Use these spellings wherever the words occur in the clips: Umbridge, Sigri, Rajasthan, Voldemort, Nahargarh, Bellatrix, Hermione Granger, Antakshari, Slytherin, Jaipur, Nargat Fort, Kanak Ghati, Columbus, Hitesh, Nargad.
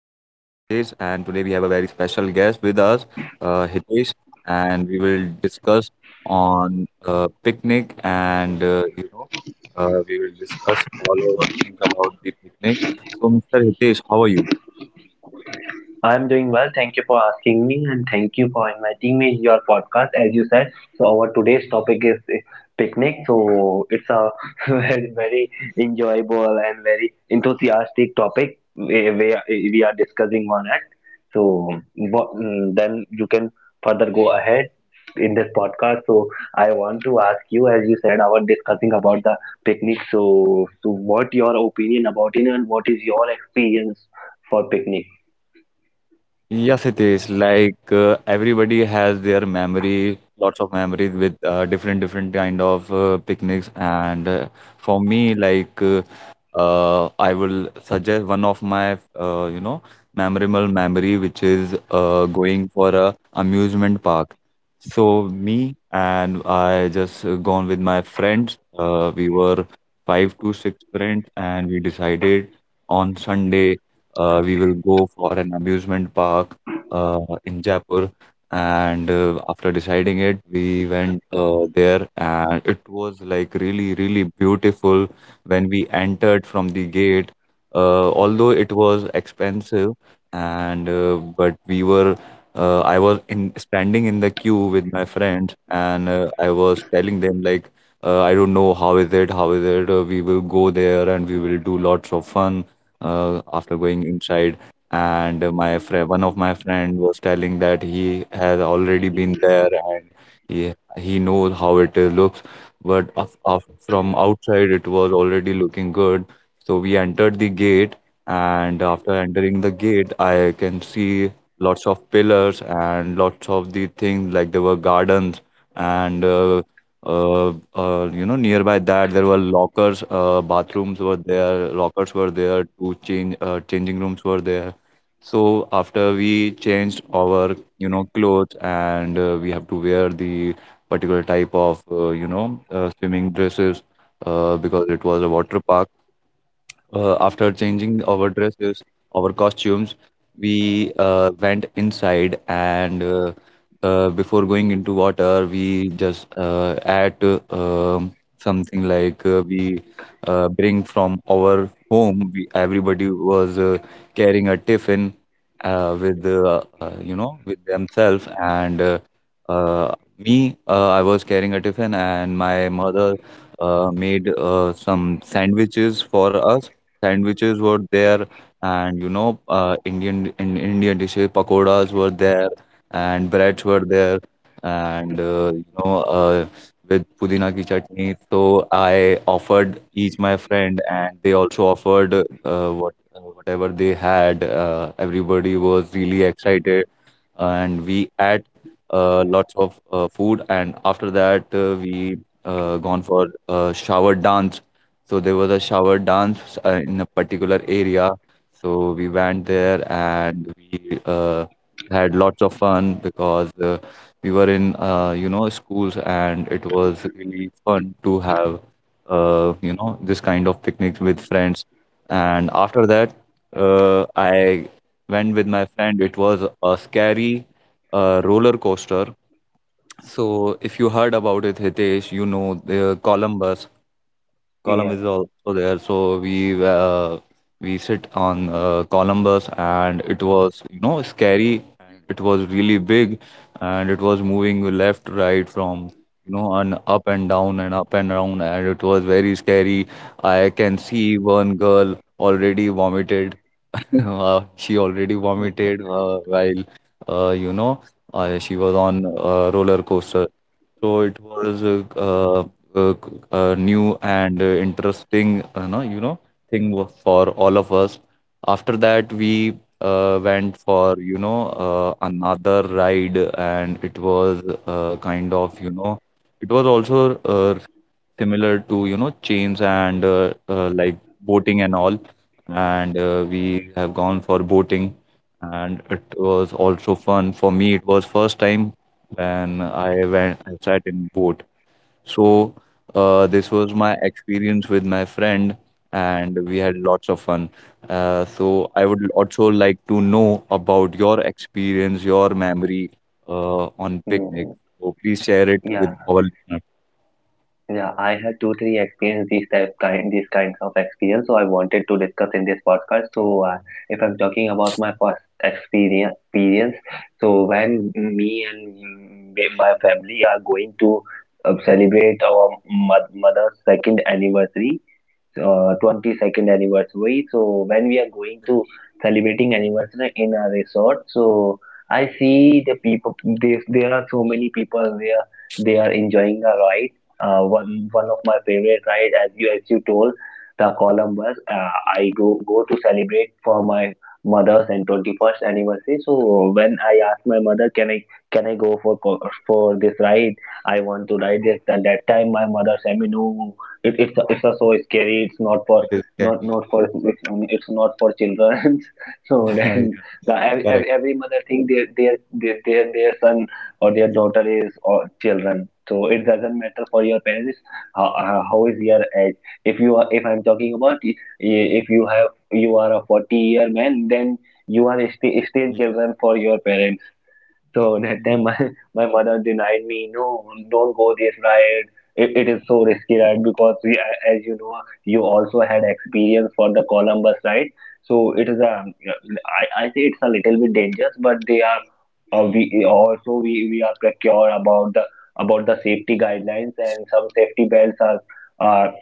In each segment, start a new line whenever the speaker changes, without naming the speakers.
and today we have a very special guest with us, Hitesh, and we will discuss on picnic, and we will discuss all over things about the picnic. So, Mr. Hitesh, how are you?
I'm doing well. Thank you for asking me and thank you for inviting me in your podcast. As you said, so our today's topic is picnic. So it's a very, very enjoyable and very enthusiastic topic we are discussing on it. So what, then you can further go ahead in this podcast. So I want to ask you, as you said, our discussing about the picnic. So, so what your opinion about it and what is your experience for picnic?
Yes, it is. Like everybody has their memory, lots of memories with different kind of picnics. And for me, like I will suggest one of my uh, you know memorable memory, which is going for a amusement park. So me and I just gone with my friends. We were five to six friends, and we decided on Sunday. We will go for an amusement park uh, in Jaipur, and after deciding it, we went there, and it was like really, really beautiful when we entered from the gate. Although it was expensive, and but we were. I was in standing in the queue with my friends, and I was telling them like, I don't know how is it, how is it. We will go there and we will do lots of fun after going inside. And my friend, one of my friend, was telling that he has already been there, and he knows how it looks. But from outside it was already looking good. So we entered the gate, and after entering the gate I can see lots of pillars and lots of the things. Like there were gardens, and nearby that there were lockers, bathrooms were there, lockers were there, two changing rooms were there. So after we changed our clothes, and we have to wear the particular type of, swimming dresses because it was a water park. After changing our dresses, our costumes, we went inside. And before going into water, we just add something like we bring from our home. We, everybody was carrying a tiffin with with themselves. And me. I was carrying a tiffin, and my mother made some sandwiches for us. Sandwiches were there, and Indian Indian dishes, pakoras were there, and breads were there, and with pudina ki chutney. So I offered each my friend, and they also offered whatever they had. Everybody was really excited, and we ate lots of food. And after that, we gone for shower dance. So there was a shower dance in a particular area. So we went there, and we had lots of fun because we were in schools, and it was really fun to have this kind of picnics with friends. And after that, I went with my friend. It was a scary roller coaster. So, if you heard about it, Hitesh, you know the Columbus. Column is also there. So we sit on Columbus, and it was scary. And it was really big, and it was moving left, right from and up and down and up and down, and it was very scary. I can see one girl already vomited. She already vomited while uh, you know she was on a roller coaster. So it was a, a new and interesting, no, you know, thing for all of us. After that, we went for, another ride, and it was kind of, it was also similar to, chains and like boating and all. And we have gone for boating, and it was also fun. For me, it was first time, then I went, I sat in boat. So this was my experience with my friend, and we had lots of fun. So I would also like to know about your experience, your memory on picnic.
Mm,
So please share it
Yeah,
with our listeners.
yeah, I have totally experienced these kinds of experience. So I wanted to discuss in this podcast. So if I'm talking about my past experience, so when me and my family are going to celebrate our mother's second anniversary, 22nd anniversary. So when we are going to celebrating anniversary in a resort, so I see the people. There are so many people there. They are enjoying the ride. One of my favorite ride, as you told, the Columbus. I go go to celebrate for my mother's and 21st anniversary. So when I asked my mother, can I go for this ride? I want to ride this. And that time my mother said me no, it's a, it's so scary, it's not for
It is scary.
it's not for children. So
Yeah,
then the,
correct.
every mother think their son or their daughter is or children, so it doesn't matter for your parents how is your age. If you are, if I'm talking about I- if you are a forty year man, then you are still
Yeah.
children for your parents. So that
Mm.
time my mother denied me, no, don't go this ride. It is so risky ride because as you know, you also had experience for the Columbus ride. So it is a, I say it's a little bit dangerous, but they are, we are precure about the safety guidelines, and some safety belts are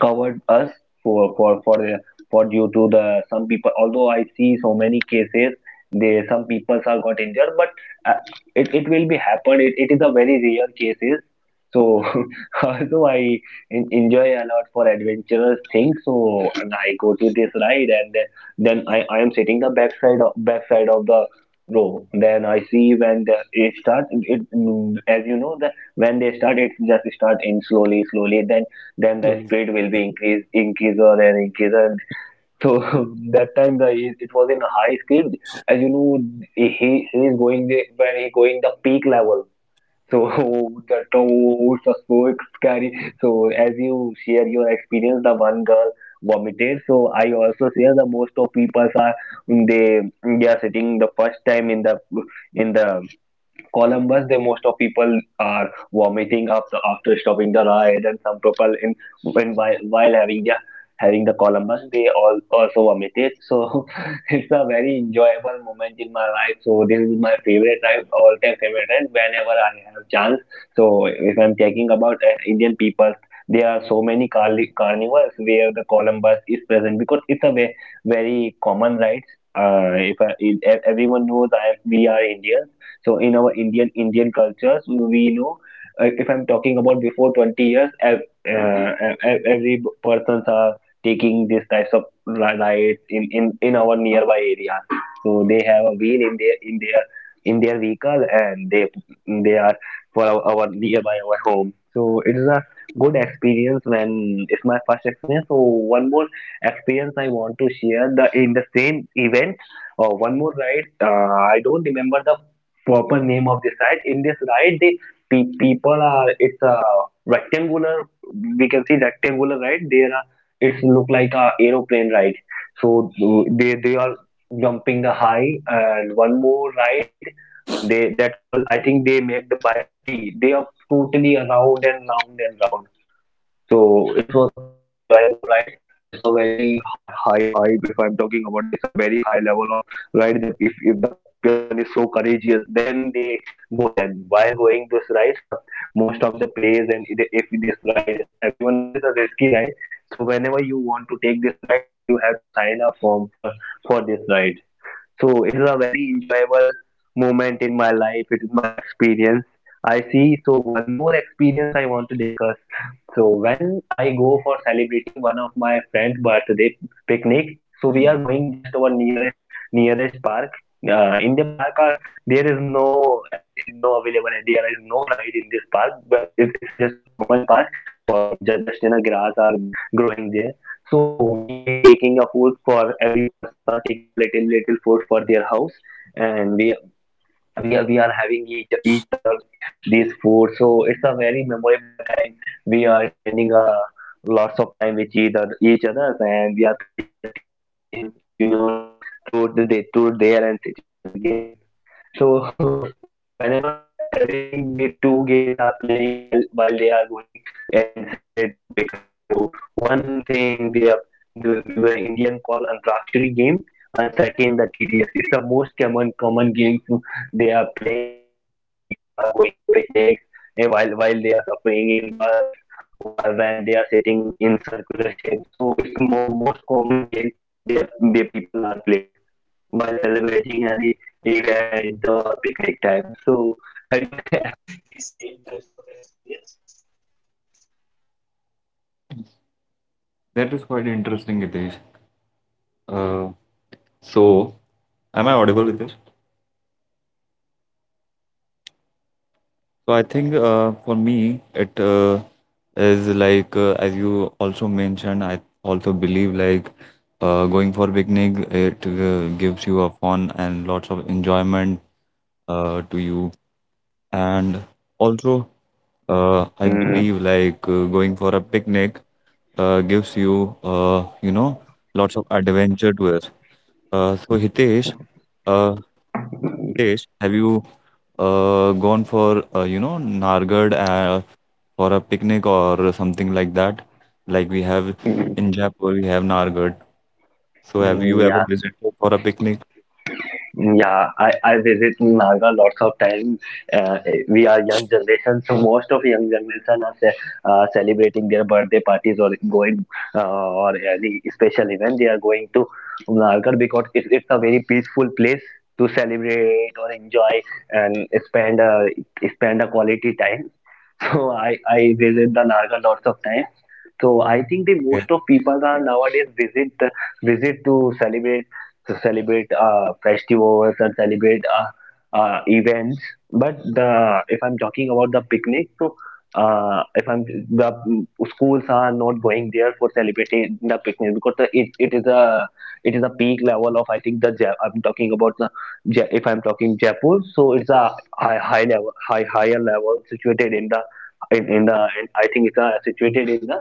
covered us for the for due to the some people. Although I see so many cases, they some people are got injured, but uh, it will be happen, it is a very rare cases. So also I enjoy a lot for adventurous things. So and I go to this ride, and then I am sitting the backside of the row. Then I see when the, it starts it, as you know, the when they start it, just start in slowly slowly, then the
Slowly.
speed will be increaser and increaser. So that time the it was in a high speed. As you know, he is going the when he going the peak level. So
Mm,
the that was so scary. So as you share your experience, the one girl vomited. So I also share, the most of people are, they are sitting the first time in the Columbus. The most of people are vomiting up the, after stopping the ride, and some people in when while having the Columbus, they all also vomited. So it's a very enjoyable moment in my life. So this is my favorite ride, all time favorite ride, whenever I have chance. So if I'm talking about Indian people, there are so many carnivals where the Columbus is present because it's a very common ride. If everyone knows, I we are Indians. So in our Indian cultures, we know. If I'm talking about before 20 years, every persons are taking these types of rides in, in our nearby area. So they have a wheel in their in their in their vehicle, and they are for our nearby our home. So it is a good experience when it's my first experience. So one more experience I want to share, the in the same event or one more ride. I don't remember the proper name of the ride. In this ride, the people are, it's a rectangular. We can see rectangular ride there. Are, it's look like a aeroplane ride. So they are jumping the high, and one more ride. They that call, I think they make the buyer T. They are totally around and round and round. So it was very enjoyable ride. It's a very high. If I'm talking about, it's a very high level of ride. If the person is so courageous, then they go. Then while going this ride, most of the players, and it- if this ride is everyone knows it's a risky ride. So whenever you want to take this ride, so you have to sign a form for this ride. So it is a very enjoyable moment in my life. It is my experience. I see. So one more experience I want to discuss. So when I go for celebrating one of my friend's birthday picnic, so we are
mm.
going just our nearest park. In the park, are, there is no no available. There is no ride in this park, but it's a, just a common park for just in a grass are growing there. So we taking a food for every persons are taking a little food for their house, and we are having each other these food. So it's a very memorable time. We are spending a lots of time with each other each others, and we are playing a tedious game, as you know, the truth they truth there and situations game. So whenever everything the two games are playing while they are going and celebrate to picnic. So one thing they are the Indian call Antakshari game, and second the TDS. It's the most common game to- they are playing while the people are going to picnic, and while they are suffering in bus, while when they are sitting in circular shape. So it's more most common game they are, the people are played while celebrating any event or picnic time. So, have you
That is quite interesting, Hitesh. Uh, so, am I audible? So I think for me it is like as you also mentioned, I also believe like going for picnic it gives you a fun and lots of enjoyment to you. And also, I believe like going for a picnic gives you you know lots of adventure to it. So Hitesh, uh, it is. Have you gone for Nargad for a picnic or something like that? Like we have in Jaipur, we have Nargad. So have you ever
Yeah,
visited for a picnic?
Yeah. I visit Naga lots of times. Uh, we are young generation, so most of young generation are celebrating their birthday parties or going, or any special event. They are going to Naga because it's a very peaceful place to celebrate or enjoy, and spend a quality time. So I visit the Naga lots of times. So I think the
Yeah,
most of people are nowadays visit to celebrate festivals, and celebrate events. But the if I'm talking about the picnic, so if I'm the schools are not going there for celebrating the picnic because it is a peak level of, I think the I'm talking about the if I'm talking Jaipur, so it's a higher level situated in the I think it's situated in the,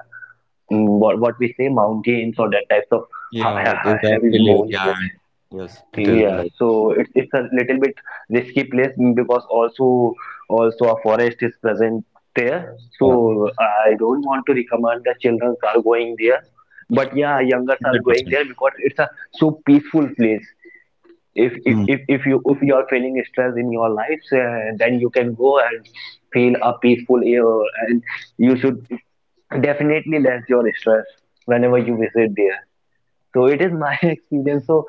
what we say mountains or that types of
yeah, it is a
heavy
hill area.
monuments.
And yes, it is
Yeah,
like.
so it's a little bit risky place because also a forest is present there.
Yeah,
So I don't want to recommend the children are going there. But yeah, youngers are
hundred
going
percent.
there because it's a so peaceful place. If you are feeling stress in your life, then you can go and feel a peaceful air, and you should definitely less your stress whenever you visit there. So it is my experience. So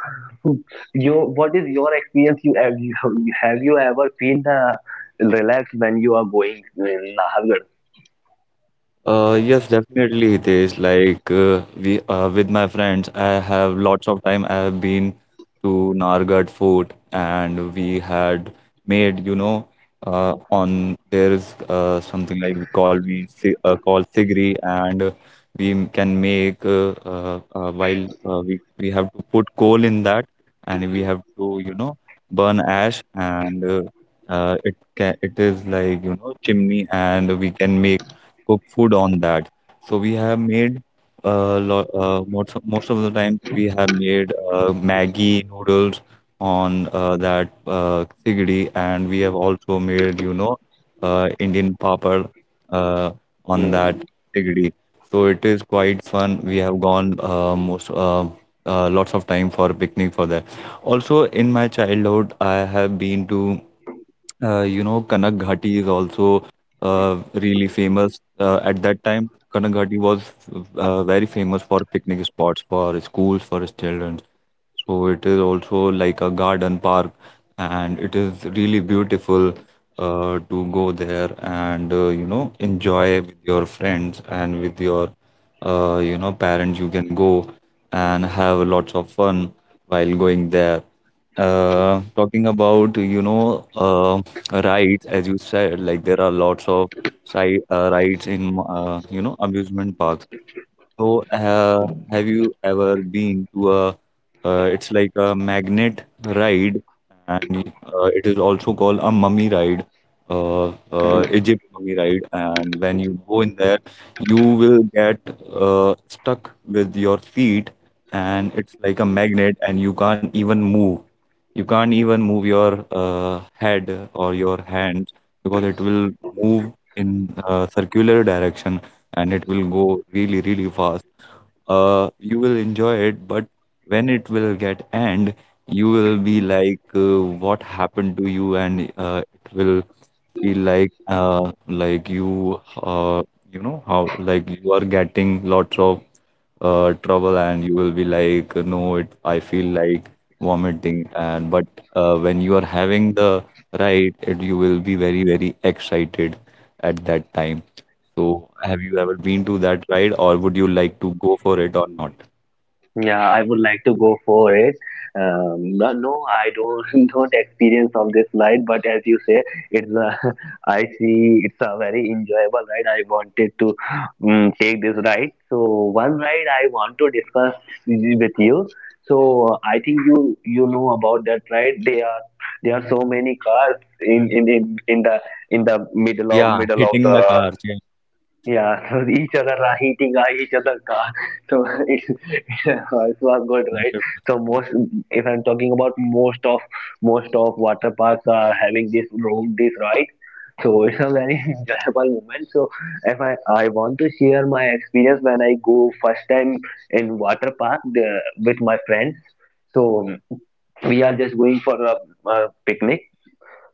you, what is your experience? You have you ever feel the relaxed when you are going in Nahargarh?
Yes, definitely, it is. Like we with my friends, I have lots of time. I have been to Nargat Fort, and we had made, on there is something like we call sigri, and can make while we have to put coal in that, and we have to, you know, burn ash, and it is like, you know, chimney, and we can make cook food on that. So we have made most of the time we have made Maggi noodles on that sigdi, and we have also made, Indian papad uh, on that sigdi. So it is quite fun. We have gone most lots of time for picnic for that. Also, in my childhood, I have been to Kanak Ghati is also really famous. At that time, Kanak Ghati was very famous for picnic spots, for schools, for children. So it is also like a garden park, and it is really beautiful to go there and enjoy with your friends and with your parents. You can go and have lots of fun while going there. Talking about rides, as you said, like there are lots of side rides in amusement parks. So, have you ever been to it's like a magnet ride, and it is also called a mummy ride, uh, Egypt mummy ride. And when you go in there, you will get stuck with your feet, and it's like a magnet, and you can't even move. You can't even move your head or your hands, because it will move in circular direction, and it will go really, really fast. You will enjoy it, but when it will get end, you will be like, what happened to you, and it will feel like you, you know how, like you are getting lots of trouble, and you will be like, no, it, I feel like vomiting, and but when you are having the ride, it, you will be very, very excited at that time. So, have you ever been to that ride, or would you like to go for it or not?
Yeah, I would like to go for it. No, no, I don't don't experience on this ride, but as you say, it's a, I see it's a very enjoyable ride. I wanted to take this ride. So one ride I want to discuss with you. So I think you know about that ride. They are There are so many cars in the middle of
Yeah, hitting
the
the cars. Yeah,
yeah, so each other are eating each other car. So it's, it was good, right?
100%.
So most, if I'm talking about most of water parks are having this room, this ride. So it's a very enjoyable moment. So if I want to share my experience when I go first time in water park the, with my friends. So we are just going for a picnic.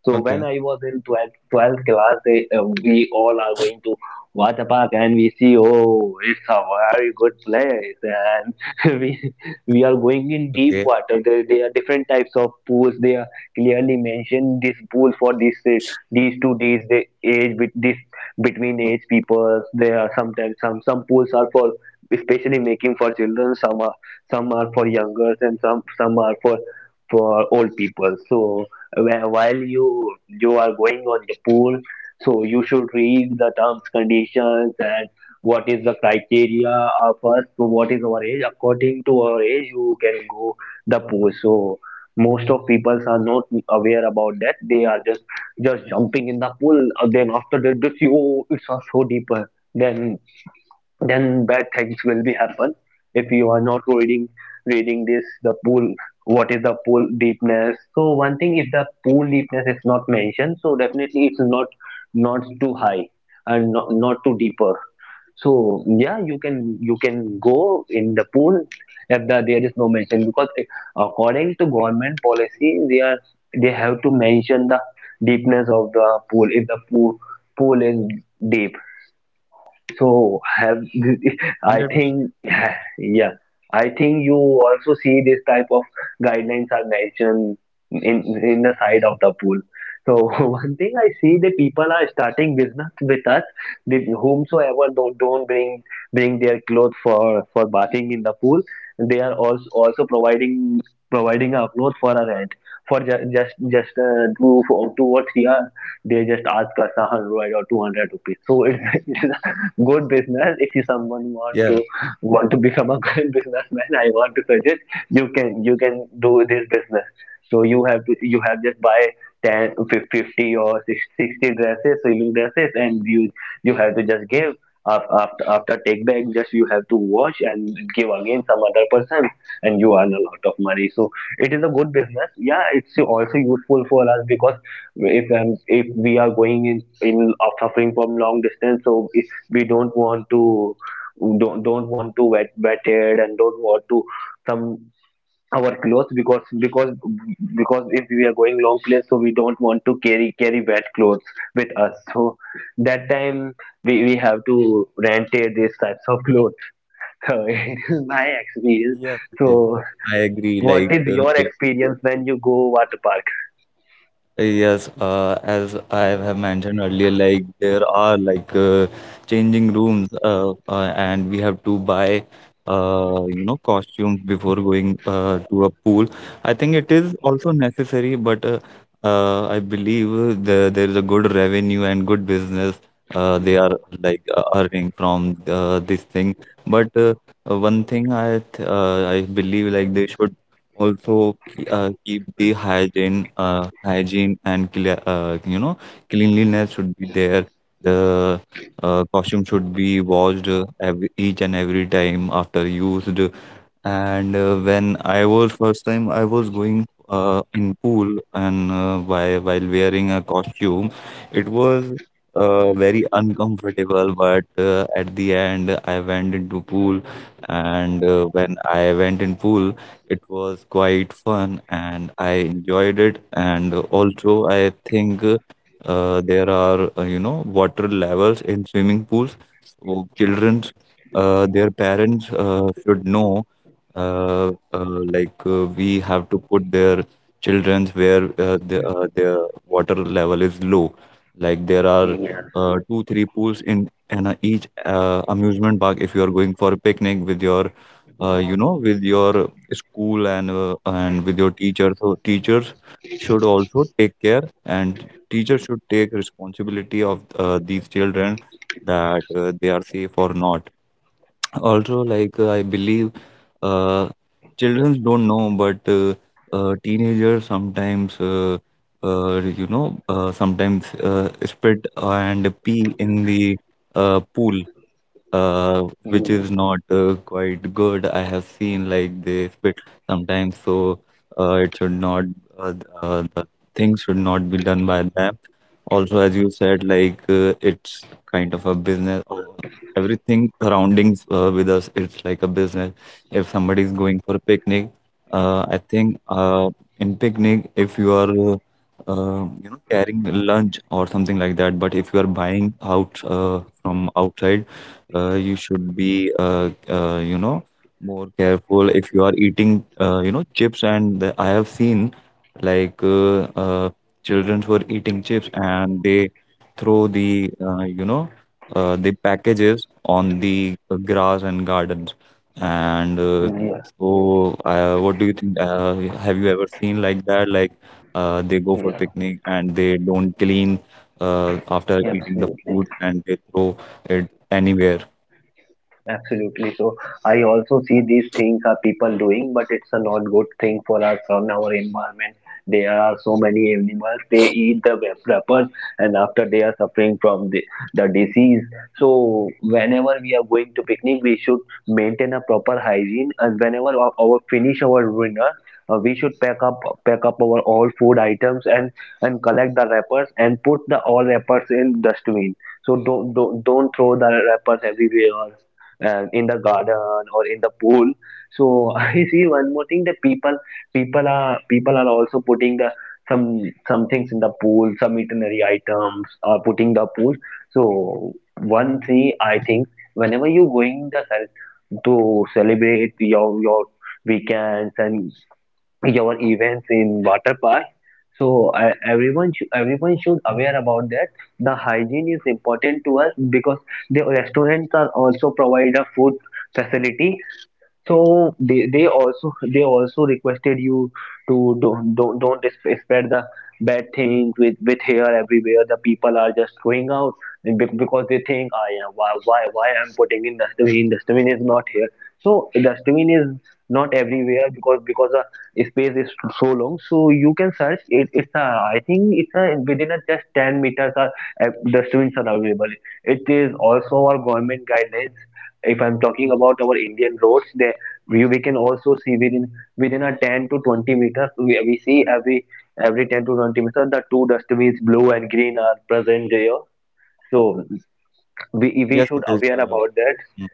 So
Okay,
when I was in 12th class, we all are going to water park and we see, oh, it's a very good place. And we are going in deep
okay,
water. There are different types of pools. They are clearly mentioned this pool for this, these two days, the age, with this between age people. There are sometimes some pools are for especially making for children. Some are for youngers and some are for old people. So while you are going on the pool, so you should read the terms conditions and what is the criteria, first. So what is our age, according to our age you can go the pool. So most of people are not aware about that. They are just jumping in the pool, then after that just you, oh, it's so deeper, then bad things will be happen if you are not reading this the pool, what is the pool deepness. So one thing, if the pool deepness is not mentioned, so definitely it's not not too high and not too deeper. So yeah, you can go in the pool if there is no mention, because according to government policy they are, they have to mention the deepness of the pool. If the pool is deep, so have I
100%.
think yeah, I think you also see this type of guidelines are mentioned in in the side of the pool. So one thing I see that people are starting business with us. They, whomsoever don't bring their clothes for bathing in the pool. They are also providing a cloth for a rent for ju- just two, for two or three hours. They just ask us 100 or 200 rupees. So it, good business. If you someone
Yes,
want to become a good businessman, I want to suggest you can do this business. So you have to, you have just buy 10, 50, or 60 dresses, swimming dresses, and you have to just give, after take back, just you have to wash and give again some other person, and you earn a lot of money. So it is a good business. Yeah, it's also useful for us, because if we are going in of suffering from long distance, so if we don't want to don't want to wet wetted and don't want to some our clothes, because because if we are going long place, so we don't want to carry wet clothes with us. So that time we have to rent, these types of clothes. So it is my experience.
yes, okay.
So
I agree.
what
Like,
is your
they
experience when you go water park?
Yes, as I have mentioned earlier, like there are like changing rooms, and we have to buy, costumes before going to a pool. I think it is also necessary, but I believe the, there is a good revenue and good business they are like earning from this thing. But one thing I believe like they should also keep the hygiene, hygiene, and cleanliness should be there. The costume should be washed every, each and every time after used. And when I was first time, I was going in pool, and while wearing a costume, it was very uncomfortable. But at the end, I went into pool, and when I went in pool, it was quite fun, and I enjoyed it. And also, I think there are water levels in swimming pools, so children's their parents should know like we have to put their children where the, their water level is low. Like there are
Yeah.
two, three pools in a each amusement park. If you are going for a picnic with your, with your school and and with your teacher, so teachers should also take care, and teachers should take responsibility of these children, that they are safe or not. Also, like, I believe uh children don't know, but teenagers sometimes, uh, sometimes spit and pee in the pool, which is
Mhm.
not quite good. I have seen, like, they spit sometimes, so it should not. The things should not be done by them. Also, as you said, like, it's kind of a business. Or everything surroundings with us, it's like a business. If somebody is going for a picnic, I think in picnic, if you are carrying lunch or something like that. But if you are buying out from outside, you should be more careful if you are eating chips and the, I have seen, like, children were eating chips and they throw the the packages on the grass and gardens. And
Yeah.
so, what do you think? Have you ever seen like that, like, they go for
Yeah,
picnic and they don't clean after eating the
absolutely.
food and they throw it anywhere?
Absolutely. So I also see these things are people doing, but it's a not good thing for us on our environment. There are so many animals. They eat the wrappers, and after they are suffering from the disease. So whenever we are going to picnic, we should maintain a proper hygiene. And whenever our finish our dinner, we should pack up our all food items and collect the wrappers and put the all wrappers in dustbin. So don't throw the wrappers everywhere, in the garden or in the pool. So I see one more thing, that people are also putting the some things in the pool, some eatery items are putting the pool. So one thing I think, whenever you going to celebrate your weekends and your events in water park. So I, everyone should aware about that. The hygiene is important to us, because the restaurants are also provide a food facility. So they also requested you to don't spread the bad things with hair everywhere. The people are just going out, because they think, I am, why why I'm putting in dustbin. Dustbin is not here. So dustbin is not everywhere, because the space is so long, so you can search it. It's a, I think it's a within a just 10 meters are, dustbins are available. It is also our government guidelines. If I'm talking
Yes,
about our Indian roads, there we can also see within a 10 to 20 meters we see every 10 to 20 meters, the two dustbins, blue and green, are present there. So we
yes, it
should
is.
aware about that.
Mm,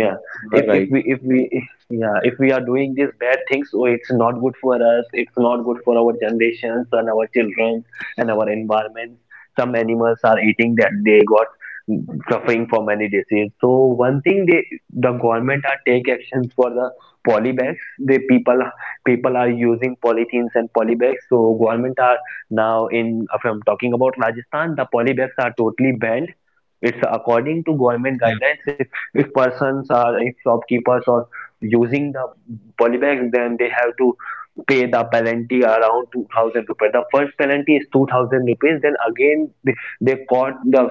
Yeah.
you are right.
If we, yeah, if we are doing these bad things, so it's not good for us, it's not good for our generations and our children and our environment. Some animals are eating that, they got suffering from many disease. So one thing, they, the government are take actions for the poly bags. The people are using polythenes and poly bags, so government are now in, if I'm talking about Rajasthan, the poly bags are totally banned. It's according to government guidelines. If persons are, if shopkeepers are using the poly, then they have to pay the penalty around 2,000 rupees. The first penalty is 2,000 rupees, then again they caught the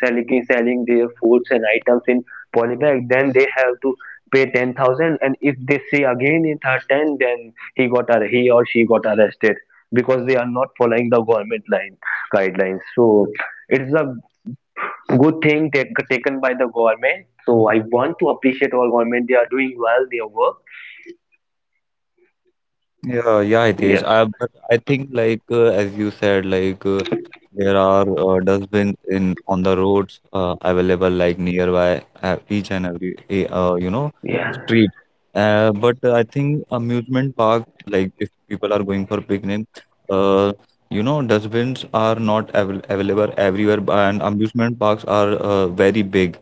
selling their foods and items in polybag, then they have to pay 10,000. And if they see again in third time, then he got, he or she got arrested, because they are not following the government line guidelines. So it's the good thing taken by the government. So I want to appreciate all government. They are doing well their work.
Yeah, yeah, it is.
Yes.
I But I think, like, as you said, like, there are dustbin in on the roads available, like, nearby each and every
Yeah.
street. But I think amusement park, like if people are going for picnic, uh, dustbins are not available everywhere, and amusement parks are very big.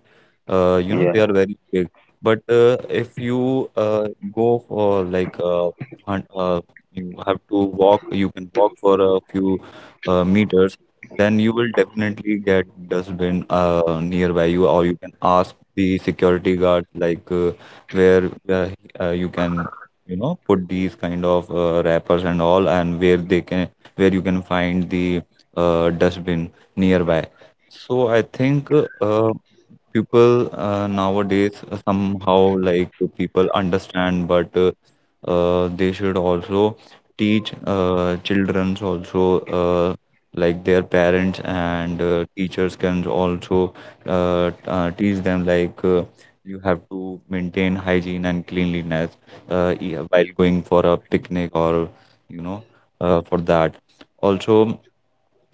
They
Yeah.
are very big. But if you go for, like, hun- uh, you have to walk, you can walk for a few meters, then you will definitely get dustbin nearby you. Or you can ask the security guard, like, where you can, put these kind of wrappers and all, and where they can, where you can find the dustbin nearby. So I think uh, people nowadays somehow, like, people understand, but they should also teach children's also, like their parents and teachers can also teach them, like, you have to maintain hygiene and cleanliness, yeah, while going for a picnic or you know for that also.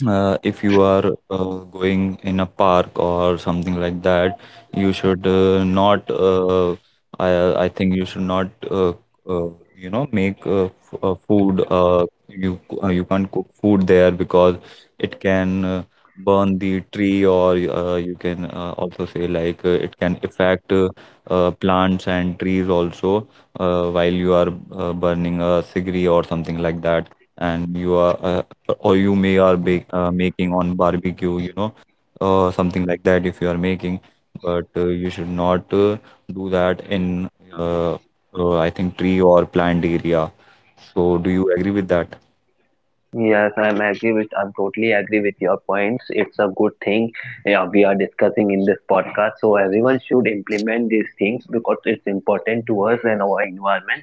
If you are going in a park or something like that, you should not. I think you should not. Uh, Make f food. You can't cook food there because it can burn the tree, or you can also say, like, it can affect plants and trees also while you are burning a cigarette or something like that, and you are or you may are bake, making on barbecue, you know, something like that if you are making. But you should not do that in, uh, I think, tree or plant area. So, do you agree with that?
Yes, I'm agree with, I'm totally agree with your points. It's a good thing, yeah, we are discussing in this podcast. So everyone should implement these things, because it's important to us and our environment.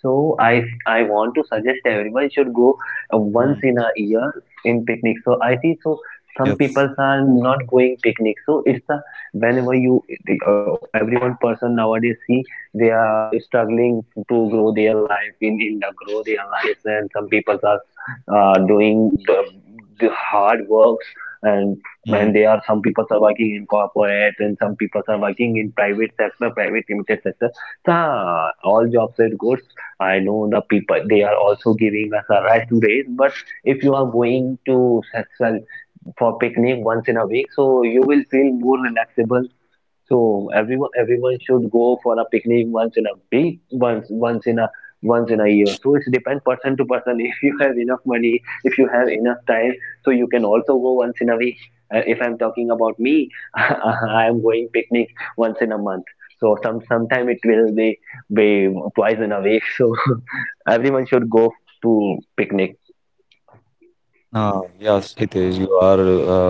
So I want to suggest everyone should go, once
Mm.
in a year in picnic. So I see, so some
Yes.
people are not going picnic. So it's a, whenever you the, everyone person nowadays see, they are struggling to grow their life in India, grow their lives, and some people are, doing the hard works and there are some people are working in corporate and some people are working in private sector, private limited sector. So all jobs are good. I know the people, they are also giving us a right to raise. But if you are going to session for picnic once in a week, so you will feel more relaxable. So everyone should go for a picnic once in a week, once in a year. So it depends person to person. If you have enough money, if you have enough time, so you can also go once in a week. If I'm talking about me, I am going picnic once in a month. So some sometime it will be be twice in a week. So everyone should go to picnic.
Yes, Hitesh, you are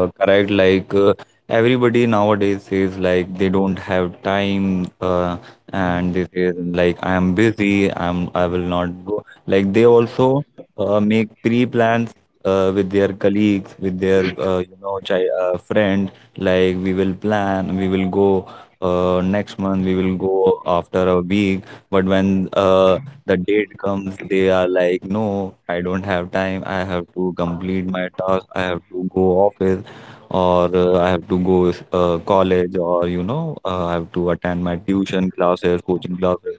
correct. Like, everybody nowadays says, like, they don't have time, and they say, like, I am busy. I will not go. Like, they also make pre-plans with their colleagues, with their you know chi friend. Like, we will plan, we will go next month, we will go after a week. But when the date comes, they are like, no, I don't have time. I have to complete my task. I have to go office, or I have to go college, or, you know, I have to attend my tuition classes, coaching classes.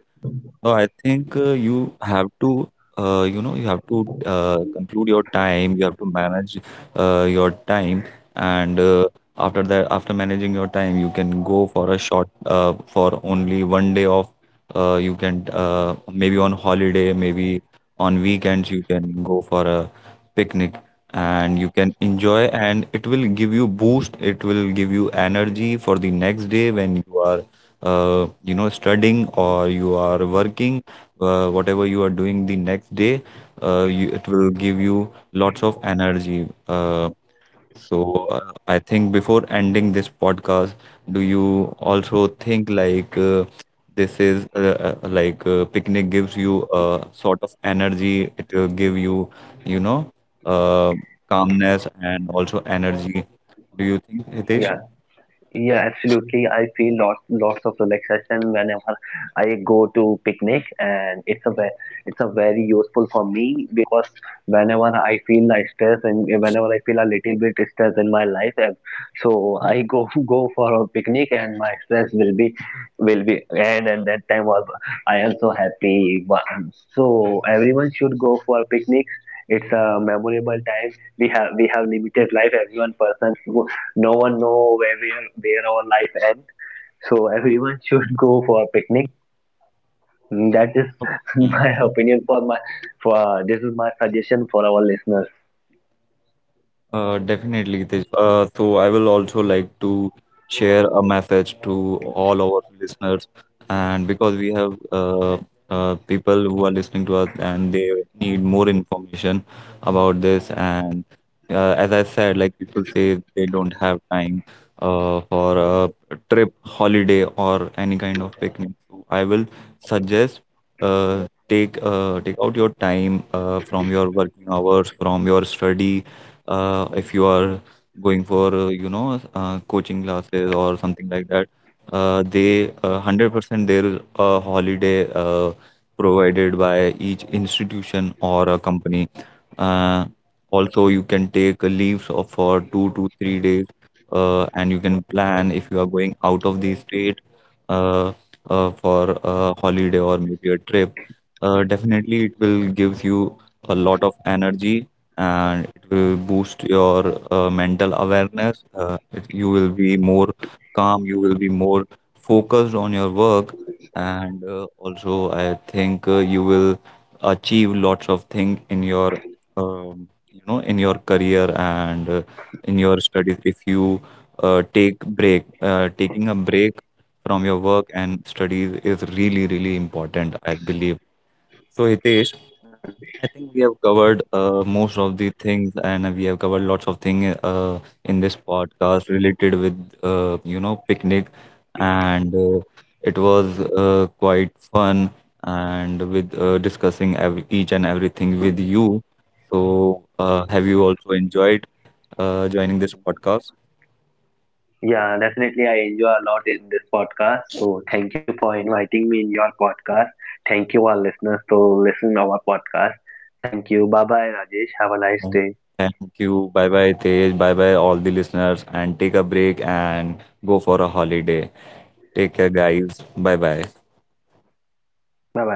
No, I think you have to, you know, you have to conclude your time. You have to manage your time, and after that, after managing your time, you can go for a short, for only one day off. You can maybe on holiday, maybe on weekends, you can go for a picnic, and you can enjoy, and it will give you boost. It will give you energy for the next day when you are studying or you are working, whatever you are doing the next day. You, it will give you lots of energy. So, I think, before ending this podcast, do you also think, like, this is, like, picnic gives you a sort of energy, it will give you, you know uh, calmness and also energy? Do you think, Hitesh?
Yeah. Yeah, absolutely. I feel lots of relaxation whenever I go to picnic, and it's a it's a very useful for me, because whenever I feel like stress and whenever I feel a little bit stress in my life, and so I go go for a picnic, and my stress will be end, and that time was I am so happy. So everyone should go for picnics. It's a memorable time. We have limited life. Everyone person, no one know where we are, where our life ends. So everyone should go for a picnic. Mm, that is my opinion for my, for this is my suggestion for our listeners.
Definitely, this. So I will also like to share a message to all our listeners, and because we have people who are listening to us and they need more information about this. And as I said, like, people say they don't have time for a trip, holiday, or any kind of picnic. So I will suggest, take out your time from your working hours, from your study. If you are going for coaching classes or something like that, they 100% there is a holiday provided by each institution or a company. uh, Also, you can take leaves of for 2 to 3 days, and you can plan if you are going out of the state uh, for a holiday or maybe a trip. Definitely it will gives you a lot of energy, and boost your mental awareness. It, you will be more calm, you will be more focused on your work. And also I think you will achieve lots of things in your in your career and in your studies if you take break taking a break from your work and studies is really really important, I believe. So Hitesh,
Mm.
I think we have covered most of the things, and we have covered lots of things in this podcast related with picnic. And it was quite fun, and with discussing every, each and everything with you. So, have you also enjoyed joining this podcast?
Yeah, definitely I enjoy a lot in this podcast. So thank you for inviting me in your podcast. Thank you all listeners to listen our podcast. Thank you. Bye bye, Rajesh. Have a nice day.
Uh, Thank you. Bye bye, Tej. Bye bye, all the listeners, and take a break and go for a holiday. Take care, guys. Bye bye.
Bye bye.